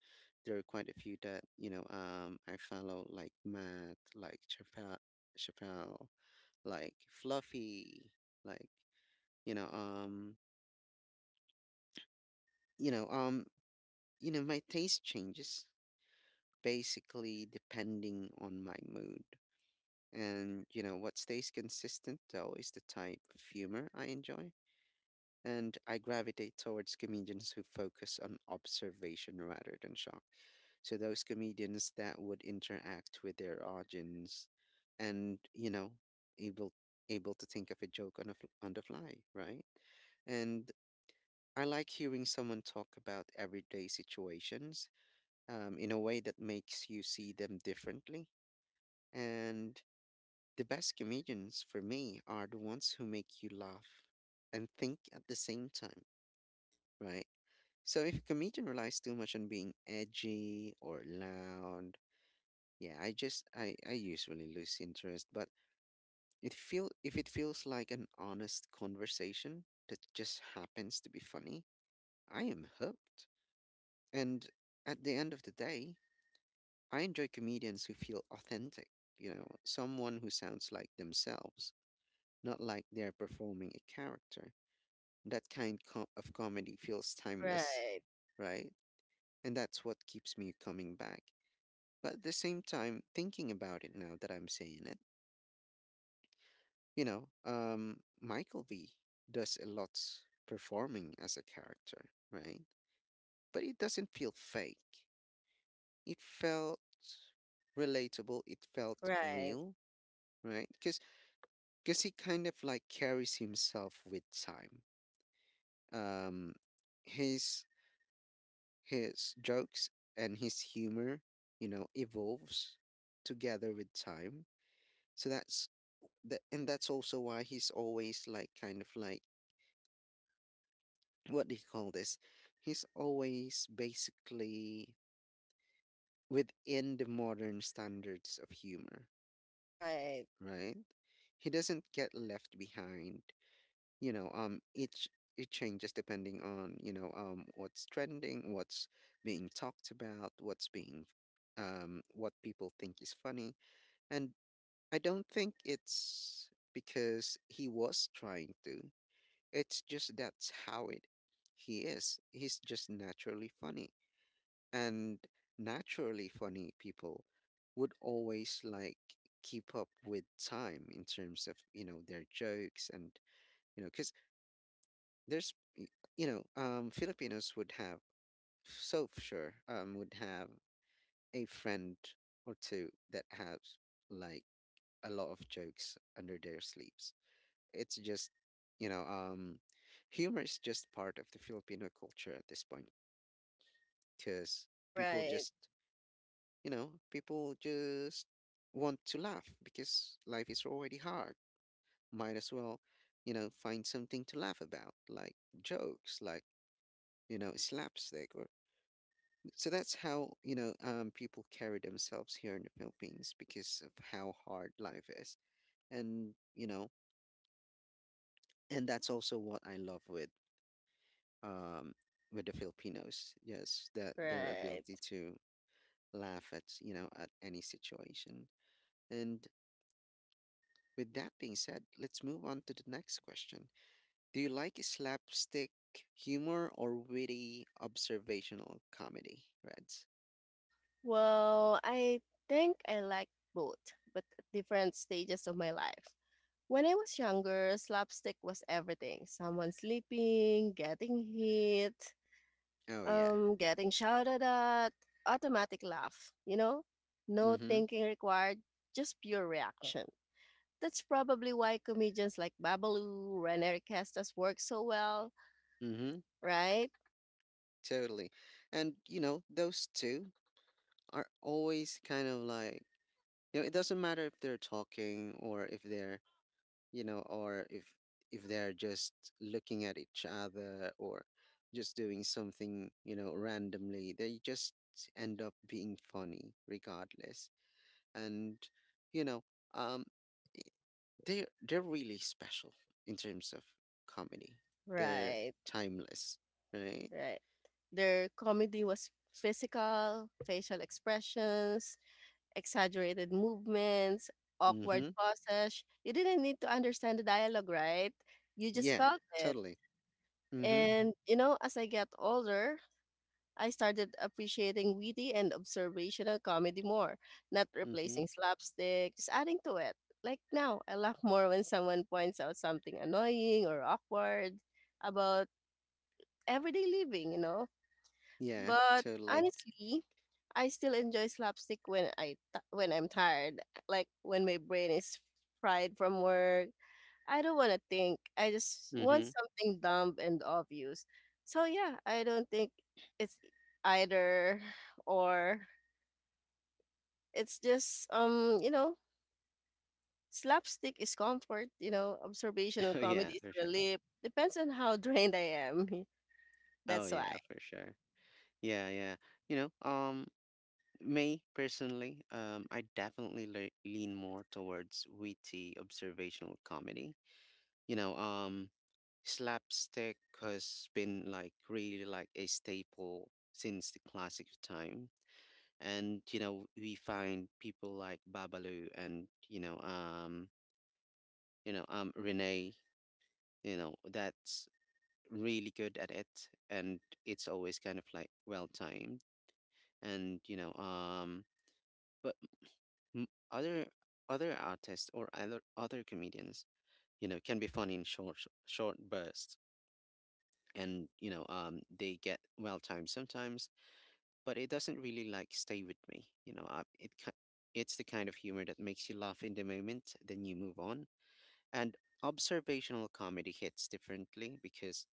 Speaker 1: There are quite a few that, you know, I follow, like Matt, like Chappelle, like Fluffy, like, you know, you know, you know, my taste changes basically depending on my mood. And, you know, what stays consistent though is the type of humor I enjoy, and I gravitate towards comedians who focus on observation rather than shock. So those comedians that would interact with their audience and, you know, able able to think of a joke on a on the fly, right? And I like hearing someone talk about everyday situations in a way that makes you see them differently. And the best comedians for me are the ones who make you laugh and think at the same time, right? So if a comedian relies too much on being edgy or loud, yeah, I usually lose interest. But it feel if it feels like an honest conversation that just happens to be funny, I am hooked. And at the end of the day, I enjoy comedians who feel authentic. You know, someone who sounds like themselves, not like they're performing a character. That kind of comedy feels timeless,
Speaker 2: right,
Speaker 1: right? And that's what keeps me coming back. But at the same time, thinking about it now that I'm saying it, Michael V does a lot performing as a character, right? But it doesn't feel fake. It felt relatable. It felt
Speaker 2: right,
Speaker 1: real, right? Because he kind of like carries himself with time. Um, his his jokes and his humor, evolves together with time. So that's that, and that's also why he's always like kind of like, what do you call this? He's always basically within the modern standards of humor,
Speaker 2: right,
Speaker 1: right? He doesn't get left behind. You know, um it ch- it changes depending on, what's trending, what's being talked about, what people think is funny. And I don't think it's because he was trying to. It's just that's how it he is. He's just naturally funny. And naturally funny people would always like keep up with time in terms of, you know, their jokes, and, you know, cuz there's y- Filipinos would have, so for sure would have a friend or two that has like a lot of jokes under their sleeves. It's just, you know, um, humor is just part of the Filipino culture at this point because people
Speaker 2: right,
Speaker 1: just, people just want to laugh because life is already hard. Might as well, you know, find something to laugh about, like jokes, like, slapstick, or so that's how, people carry themselves here in the Philippines because of how hard life is. And, that's also what I love um, with the Filipinos. Yes, that their ability
Speaker 2: right.
Speaker 1: to laugh at you know at any situation. And with that being said, let's move on to the next question. Do you like slapstick humor or witty observational comedy, Reds?
Speaker 2: Well, I think I like both, but at different stages of my life. When I was younger, slapstick was everything. Someone sleeping, getting hit,
Speaker 1: Oh yeah.
Speaker 2: getting shouted at, automatic laugh, you know? No
Speaker 1: Mm-hmm.
Speaker 2: thinking required, just pure reaction. That's probably why comedians like Babalu, Rene Castas work so well,
Speaker 1: Mm-hmm.
Speaker 2: right?
Speaker 1: Totally. And you know, those two are always kind of like, you know, it doesn't matter if they're talking, or if they're, you know, or if they're just looking at each other, or just doing something, you know, randomly, they just end up being funny regardless. And, you know um i- they're really special in terms of comedy. They're
Speaker 2: Right,
Speaker 1: timeless, right?
Speaker 2: right. Their comedy was physical, facial expressions, exaggerated movements, awkward
Speaker 1: Mm-hmm.
Speaker 2: pauses. You didn't need to understand the dialogue, right? You just
Speaker 1: Yeah,
Speaker 2: felt it.
Speaker 1: totally. Mm-hmm.
Speaker 2: And, you know, as I get older, I started appreciating witty and observational comedy more, not
Speaker 1: Mm-hmm.
Speaker 2: replacing slapstick, just adding to it. Like now, I laugh more when someone points out something annoying or awkward about everyday living, you know?
Speaker 1: Yeah,
Speaker 2: But
Speaker 1: totally.
Speaker 2: honestly, I still enjoy slapstick when I'm tired, like when my brain is fried from work. I don't want to think. I just want
Speaker 1: Mm-hmm.
Speaker 2: something dumb and obvious. So yeah, I don't think it's either or. It's just, you know, slapstick is comfort, you know, observational
Speaker 1: Oh yeah,
Speaker 2: comedy is
Speaker 1: for sure.
Speaker 2: relief. Depends on how drained I am.
Speaker 1: Oh
Speaker 2: That's
Speaker 1: yeah,
Speaker 2: why.
Speaker 1: for sure. Yeah, yeah. You know, um, me personally, I definitely le lean more towards witty observational comedy. You know, um, slapstick has been like really like a staple since the classic time. And you know, we find people like Babalu, and Renee. You know, that's really good at it, and it's always kind of like well timed. And but m- other other artists, or other comedians, you know, can be funny in short, bursts. And they get well timed sometimes, but it doesn't really like stay with me, you know. It's the kind of humor that makes you laugh in the moment, then you move on. And observational comedy hits differently because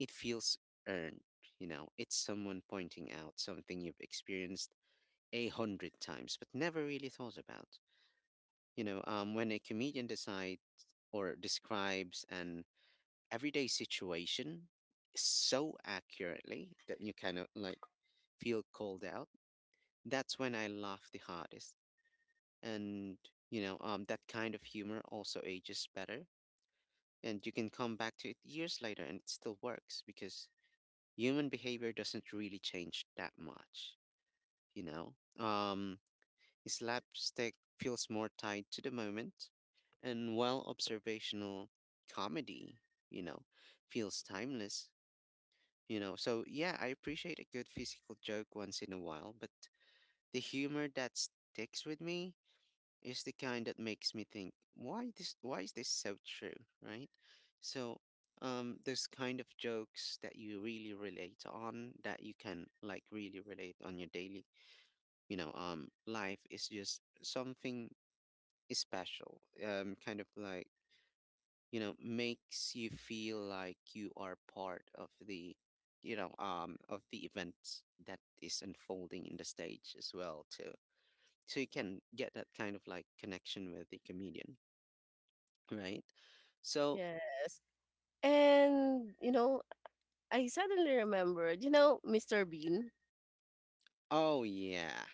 Speaker 1: it feels earned. You know, it's someone pointing out something you've experienced 100 times but never really thought about. You know, when a comedian decides or describes an everyday situation so accurately that you kind of like feel called out, that's when I laugh the hardest. And, that kind of humor also ages better. And you can come back to it years later and it still works because human behavior doesn't really change that much, you know? Slapstick feels more tied to the moment, and while observational comedy, you know, feels timeless, you know. So, yeah, I appreciate a good physical joke once in a while, but the humor that sticks with me is the kind that makes me think, why is this so true, right? So, those kind of jokes that you really relate on, that you can like really relate on your daily, life, is just something special. Kind of like, you know, makes you feel like you are part of the, of the events that is unfolding in the stage as well too. So you can get that kind of like connection with the comedian, right? So,
Speaker 2: Yes. And you know, I suddenly remembered, you know, Mr. Bean?
Speaker 1: oh yeah,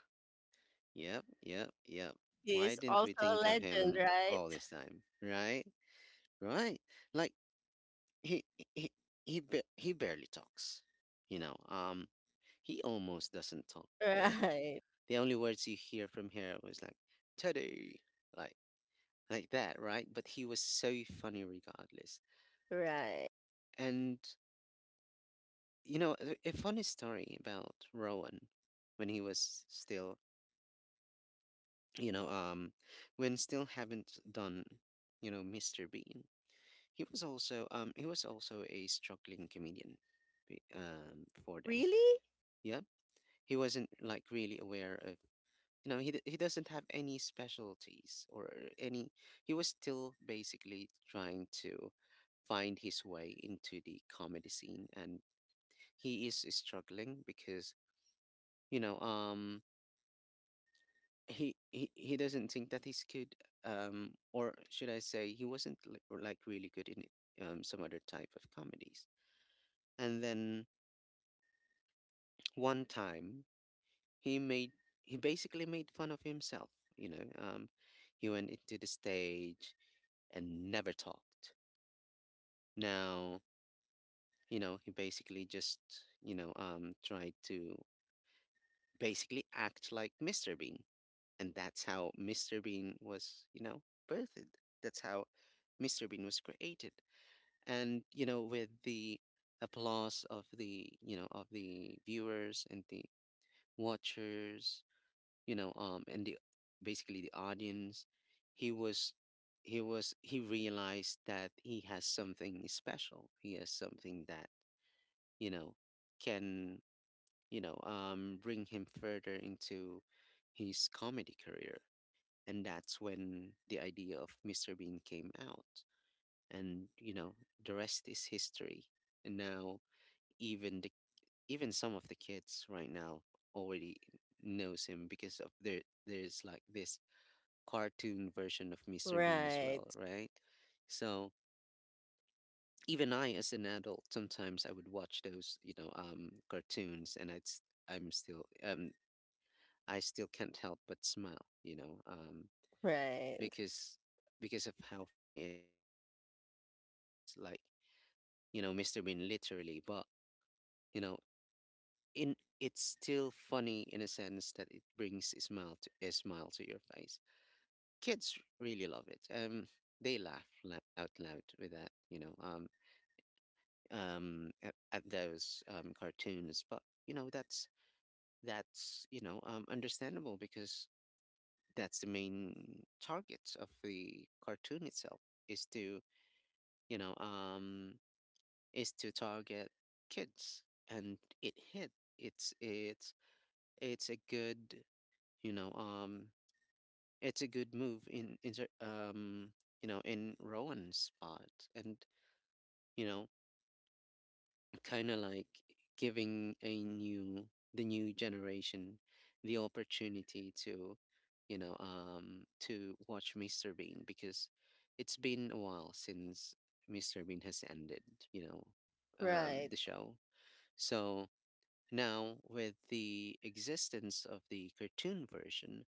Speaker 1: yep, yep, yep.
Speaker 2: He
Speaker 1: Why
Speaker 2: is
Speaker 1: didn't
Speaker 2: also
Speaker 1: we
Speaker 2: a
Speaker 1: think of
Speaker 2: legend,
Speaker 1: him
Speaker 2: right?
Speaker 1: all this time, right? Right. Like, he he he barely talks. you know um he almost doesn't talk, yeah.
Speaker 2: Right,
Speaker 1: The only words you hear from her was like, teddy, like like that, right? But he was so funny regardless.
Speaker 2: right.
Speaker 1: And you know, a funny story about Rowan. When he was still, you know um when still haven't done, you know, Mr. Bean, he was also a struggling comedian before then.
Speaker 2: Really?
Speaker 1: Yeah, he wasn't like really aware of, he doesn't have any specialties or any. He was still basically trying to find his way into the comedy scene, and he is struggling because, you know um he doesn't think that he's good, or should I say he wasn't like really good in some other type of comedies. And then one time he made he basically made fun of himself. You know, he went into the stage and never talked. Now, you know, he basically just, tried to basically act like Mr. Bean. And that's how Mr. Bean was, you know, birthed. That's how Mr. Bean was created. And you know, with the applause of the, you know, of the viewers, and the watchers, and the, basically the audience, he was he realized that he has something special. He has something that, you know, can, bring him further into his comedy career. And that's when the idea of Mr Bean came out, and you know, the rest is history. And now, even the even some of the kids right now already knows him because of there's like this cartoon version of Mr. Bean as
Speaker 2: Right,
Speaker 1: well, right? So, even I, as an adult, sometimes I would watch those, you know, cartoons, and I'm still um I still can't help but smile, you know,
Speaker 2: right,
Speaker 1: because because of how funny it is. It wasn't as funny as, like, you know, Mr. Bean literally, but you know, in it's still funny in a sense that it brings a smile to your face. Kids really love it. They out loud with that, you know, at those cartoons. But you know, that's, you know, understandable because that's the main target of the cartoon itself, is to, you know um, is to target kids, and it hit. It's a good, you know um it's a good move in you know, in Rowan's spot. And you know, kind of like giving a new the new generation the opportunity to, to watch Mr. Bean, because it's been a while since Mr. Bean has ended, you know,
Speaker 2: right,
Speaker 1: the show. So now with the existence of the cartoon version,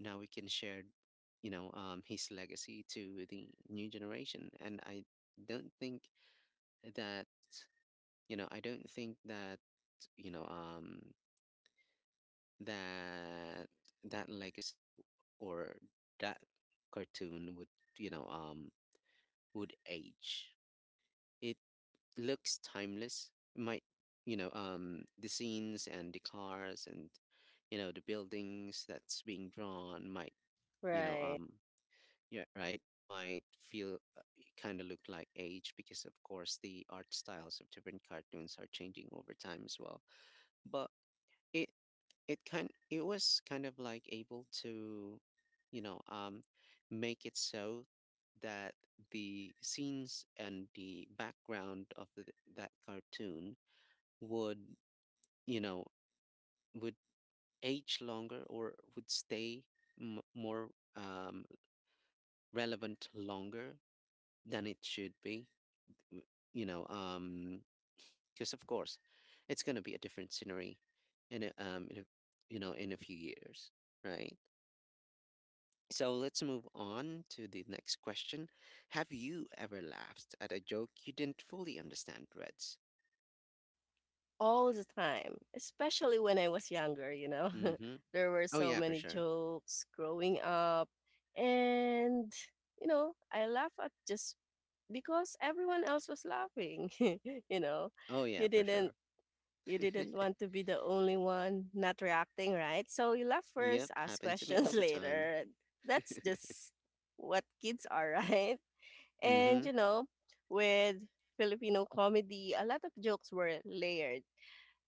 Speaker 1: now we can share, his legacy to the new generation. And I don't think that, you know I don't think that you know, that that legacy, or that cartoon, would, you know um would age. It looks timeless. It might, the scenes and the cars and, you know, the buildings that's being drawn, might, you know
Speaker 2: right.
Speaker 1: um yeah, right, might feel kind of look like age, because of course the art styles of different cartoons are changing over time as well. But it it was kind of like able to, you know um make it so that the scenes and the background of that cartoon would, you know would age longer, or would stay more um relevant longer than it should be. W- you know, because of course it's going to be a different scenery in in a, you know, in a few years, right? So let's move on to the next question. Have you ever laughed at a joke you didn't fully understand, Reds?
Speaker 2: All the time, especially when I was younger, you know.
Speaker 1: Mm-hmm.
Speaker 2: There were
Speaker 1: Oh
Speaker 2: so
Speaker 1: yeah, for
Speaker 2: many
Speaker 1: sure.
Speaker 2: jokes growing up, and, you know, I laugh at just because everyone else was laughing, you know.
Speaker 1: Oh
Speaker 2: You
Speaker 1: yeah, for
Speaker 2: didn't
Speaker 1: sure.
Speaker 2: You didn't want to be the only one not reacting, right? So you laugh first,
Speaker 1: Yep,
Speaker 2: ask
Speaker 1: happened to me
Speaker 2: questions
Speaker 1: all the time.
Speaker 2: later. That's just what kids are, right? And
Speaker 1: Mm-hmm.
Speaker 2: you know, with Filipino comedy, a lot of jokes were layered.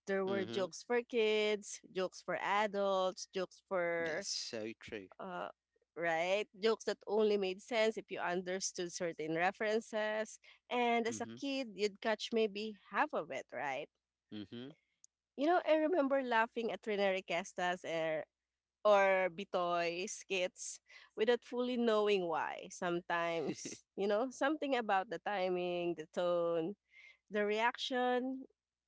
Speaker 2: There were
Speaker 1: Mm-hmm.
Speaker 2: jokes for kids, jokes for adults, jokes for
Speaker 1: That's so true.
Speaker 2: uh right? Jokes that only made sense if you understood certain references. And as a
Speaker 1: Mm-hmm.
Speaker 2: kid, you'd catch maybe half of it, right?
Speaker 1: Mm-hmm.
Speaker 2: You know, I remember laughing at Rene Requesta's or Bitoy skits without fully knowing why. Sometimes, you know, something about the timing, the tone, the reaction,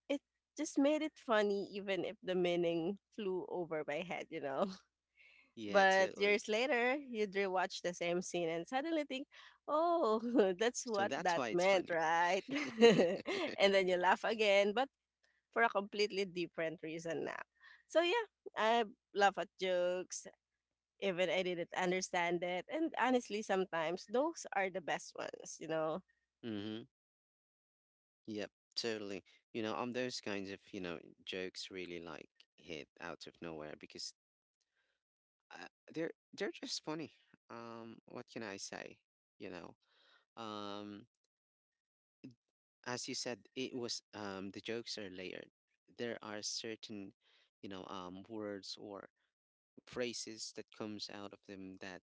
Speaker 2: it just made it funny even if the meaning flew over my head, you know.
Speaker 1: Yeah,
Speaker 2: But
Speaker 1: totally.
Speaker 2: years later, you'd rewatch the same scene and suddenly think, oh, that's
Speaker 1: So
Speaker 2: what
Speaker 1: that's
Speaker 2: that
Speaker 1: why it's
Speaker 2: meant,
Speaker 1: funny.
Speaker 2: right? And then you laugh again, but for a completely different reason now. So yeah, I laugh at jokes even I didn't understand it. And honestly, sometimes those are the best ones, you know.
Speaker 1: Mm-hmm. Yep, totally. You know, those kinds of, you know, jokes really like hit out of nowhere because uh, they're just funny. What can I say? You know, um, as you said, it was the jokes are layered. There are certain, you know, words or phrases that comes out of them, that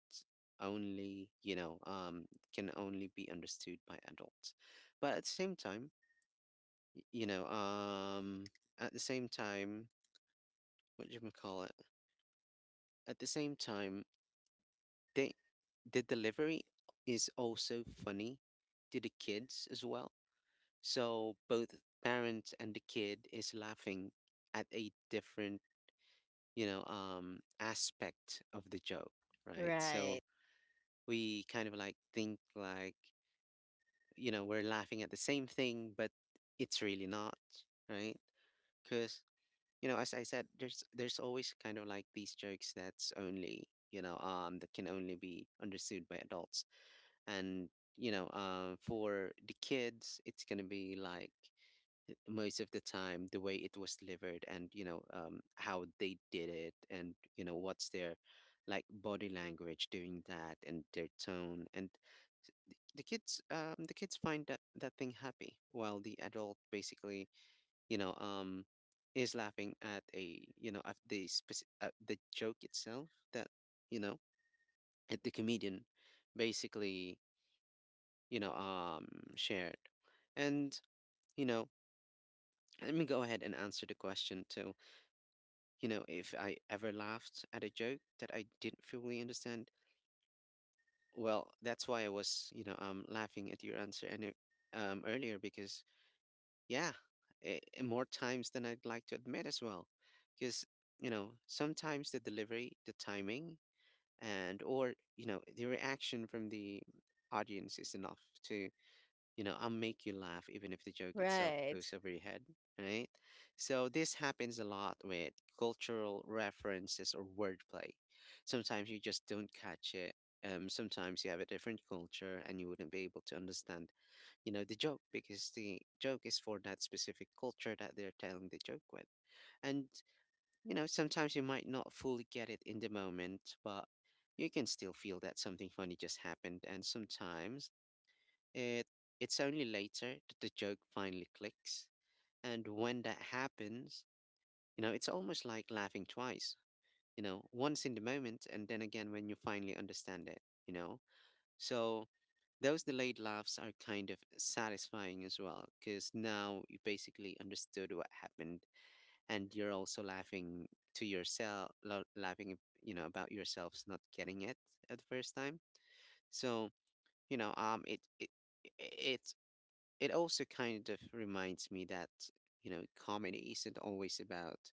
Speaker 1: only you know, can only be understood by adults. But at the same time, y- you know, um, at the same time, what do you call it? At the same time. They, the delivery is also funny to the kids as well. So both parents and the kid is laughing at a different, aspect of the joke, right?
Speaker 2: Right.
Speaker 1: So we kind of like think like, you know, we're laughing at the same thing, but it's really not, right? Because you know, as I said, there's always kind of like these jokes that's only that can only be understood by adults. And for the kids it's going to be like most of the time the way it was delivered, and how they did it, and you know what's their like body language doing that and their tone. And the kids, the kids find that that thing happy, while the adult basically you know um is laughing at a you know at the joke itself that you know at the comedian basically you know um shared. And you know, let me go ahead and answer the question too, you know, if I ever laughed at a joke that I didn't fully understand. Well, that's why I was laughing at your answer, and earlier, because yeah, more times than I'd like to admit as well, because you know sometimes the delivery, the timing, and or you know the reaction from the audience is enough to you know, I'll make you laugh even if the joke itself
Speaker 2: Right.
Speaker 1: goes over your head, right? So this happens a lot with cultural references or wordplay. Sometimes you just don't catch it. Sometimes you have a different culture and you wouldn't be able to understand, you know, the joke, because the joke is for that specific culture that they're telling the joke with. And, you know, sometimes you might not fully get it in the moment, but you can still feel that something funny just happened. And sometimes it it's only later that the joke finally clicks. And when that happens, you know, it's almost like laughing twice, you know, once in the moment and then again when you finally understand it, you know. So those delayed laughs are kind of satisfying as well, because now you basically understood what happened, and you're also laughing to yourself, laughing, you know, about yourselves not getting it at the first time. So, you know, um, it, it, it it also kind of reminds me that, you know, comedy isn't always about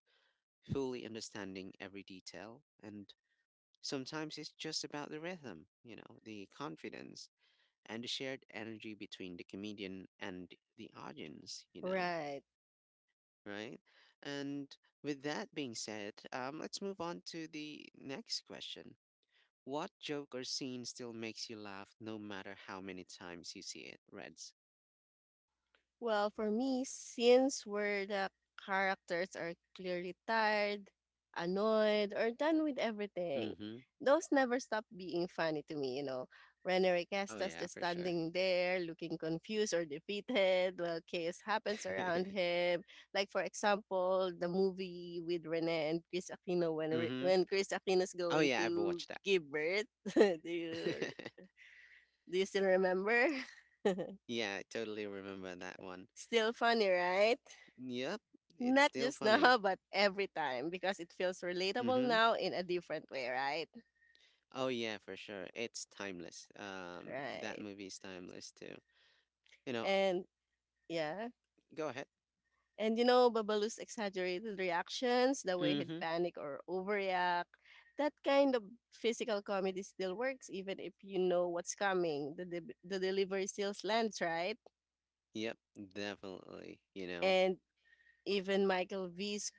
Speaker 1: fully understanding every detail, and sometimes it's just about the rhythm, you know, the confidence and the shared energy between the comedian and the audience, you know,
Speaker 2: Right.
Speaker 1: right? And with that being said, let's move on to the next question. What joke or scene still makes you laugh no matter how many times you see it, Reds?
Speaker 2: Well, for me, scenes where the characters are clearly tired, annoyed, or done with everything,
Speaker 1: Mm-hmm.
Speaker 2: those never stop being funny to me, you know. Rene
Speaker 1: Oh
Speaker 2: Requestas
Speaker 1: yeah,
Speaker 2: just
Speaker 1: for sure.
Speaker 2: standing there looking confused or defeated while chaos happens around him. Like, for example, the movie with Rene and Chris Aquino when, Re-
Speaker 1: Mm-hmm.
Speaker 2: when Chris Aquino is
Speaker 1: Oh
Speaker 2: going
Speaker 1: yeah, I've
Speaker 2: to
Speaker 1: watched that.
Speaker 2: give birth. do, you, do you still remember?
Speaker 1: Yeah, I totally remember that one.
Speaker 2: Still funny, right?
Speaker 1: Yep, it's
Speaker 2: Not
Speaker 1: still
Speaker 2: just
Speaker 1: funny.
Speaker 2: now, but every time because it feels relatable
Speaker 1: Mm-hmm.
Speaker 2: now in a different way, right?
Speaker 1: Oh yeah, for sure. It's timeless. That
Speaker 2: Right.
Speaker 1: movie's timeless too. You know,
Speaker 2: And yeah.
Speaker 1: go ahead.
Speaker 2: And you know, Babalu's exaggerated reactions, the way he'd
Speaker 1: Mm-hmm.
Speaker 2: panic or overreact, that kind of physical comedy still works even if you know what's coming. The delivery still lands, right?
Speaker 1: Yep, definitely. You know.
Speaker 2: And even Michael V's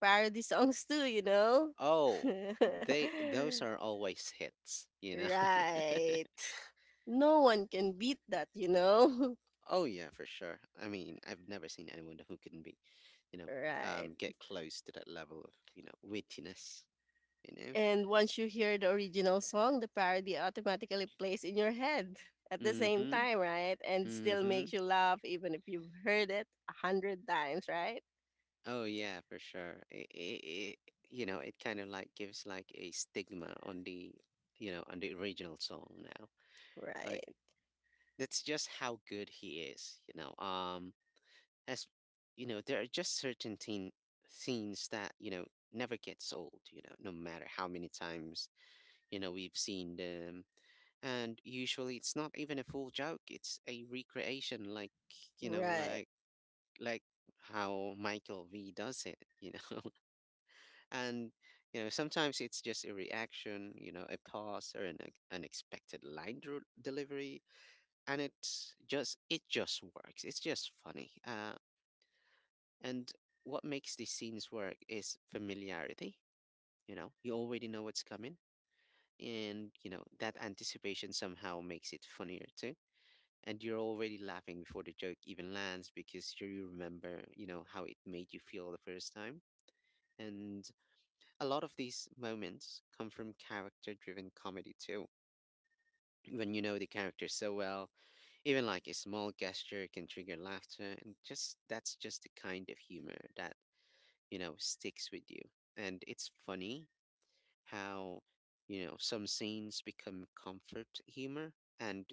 Speaker 2: parody songs too, you know?
Speaker 1: Oh, they those are always hits. You know.
Speaker 2: Right. No one can beat that, you know?
Speaker 1: Oh yeah, for sure. I mean, I've never seen anyone who couldn't be, you know,
Speaker 2: Right.
Speaker 1: get close to that level of, you know, wittiness. You know.
Speaker 2: And once you hear the original song, the parody automatically plays in your head at the same
Speaker 1: Mm-hmm.
Speaker 2: time, right? And still
Speaker 1: Mm-hmm.
Speaker 2: makes you laugh even if you've heard it a hundred times, right?
Speaker 1: Oh yeah, for sure. It you know, it kind of like gives like a stigma on the, you know, on the original song now. Like
Speaker 2: Right.
Speaker 1: that's just how good he is, you know. As you know, there are just scenes that you know never gets old. You know, no matter how many times you know we've seen them, and usually it's not even a full joke. It's a recreation, like you know,
Speaker 2: Right.
Speaker 1: like how Michael V does it. You know. And you know sometimes it's just a reaction, you know, a pause or unexpected line delivery, and it's just it just works. It's just funny. And what makes these scenes work is familiarity. You know you already know what's coming, and you know that anticipation somehow makes it funnier too, and you're already laughing before the joke even lands, because you remember you know how it made you feel the first time. And a lot of these moments come from character driven comedy too. When you know the character so well, even like a small gesture can trigger laughter, and just that's just the kind of humor that, you know, sticks with you. And it's funny how, you know, some scenes become comfort humor, and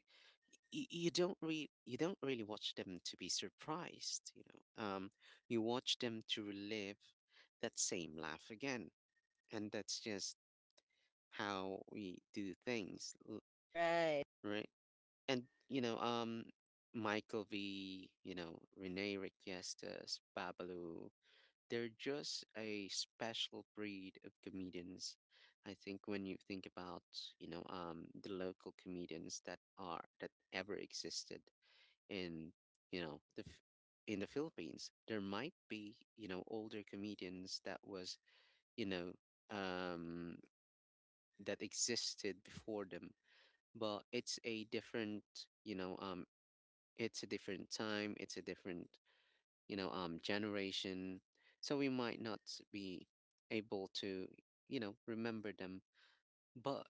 Speaker 1: you don't really watch them to be surprised, you watch them to relive that same laugh again. And that's just how we do things,
Speaker 2: Right.
Speaker 1: right? And you know, Michael V, you know, Rene Requestas, Babalu, they're just a special breed of comedians. I think when you think about, you know, the local comedians that are that ever existed in, you know, in the Philippines, there might be, you know, older comedians that was, you know, um, that existed before them, but it's a different you know um it's a different time, it's a different generation. So we might not be able to you know remember them, but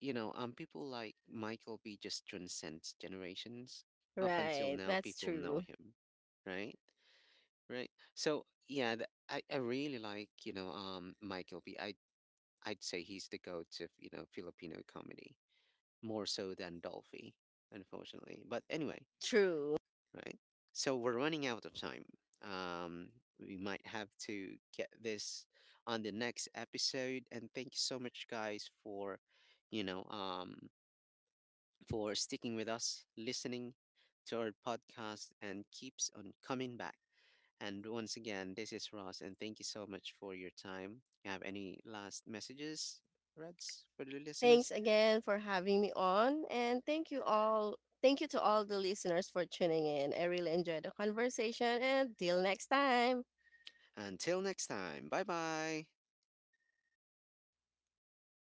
Speaker 1: people like Michael B just transcends generations. Up until
Speaker 2: Right.
Speaker 1: now
Speaker 2: That's
Speaker 1: people know
Speaker 2: true.
Speaker 1: him, right? Right, so yeah, I really like Michael B. I'd say he's the GOAT of you know Filipino comedy, more so than Dolphy, unfortunately, but anyway,
Speaker 2: True.
Speaker 1: right? So we're running out of time. Um, we might have to get this on the next episode. And thank you so much, guys, for you know um, for sticking with us, listening to our podcast, and keeps on coming back. And once again, this is Ross, and thank you so much for your time. You have any last messages, Reds, for the
Speaker 2: Thanks
Speaker 1: listeners?
Speaker 2: again for having me on. And thank you all. Thank you to all the listeners for tuning in. I really enjoyed the conversation. And till next time.
Speaker 1: Until next time, bye bye.
Speaker 2: Bye.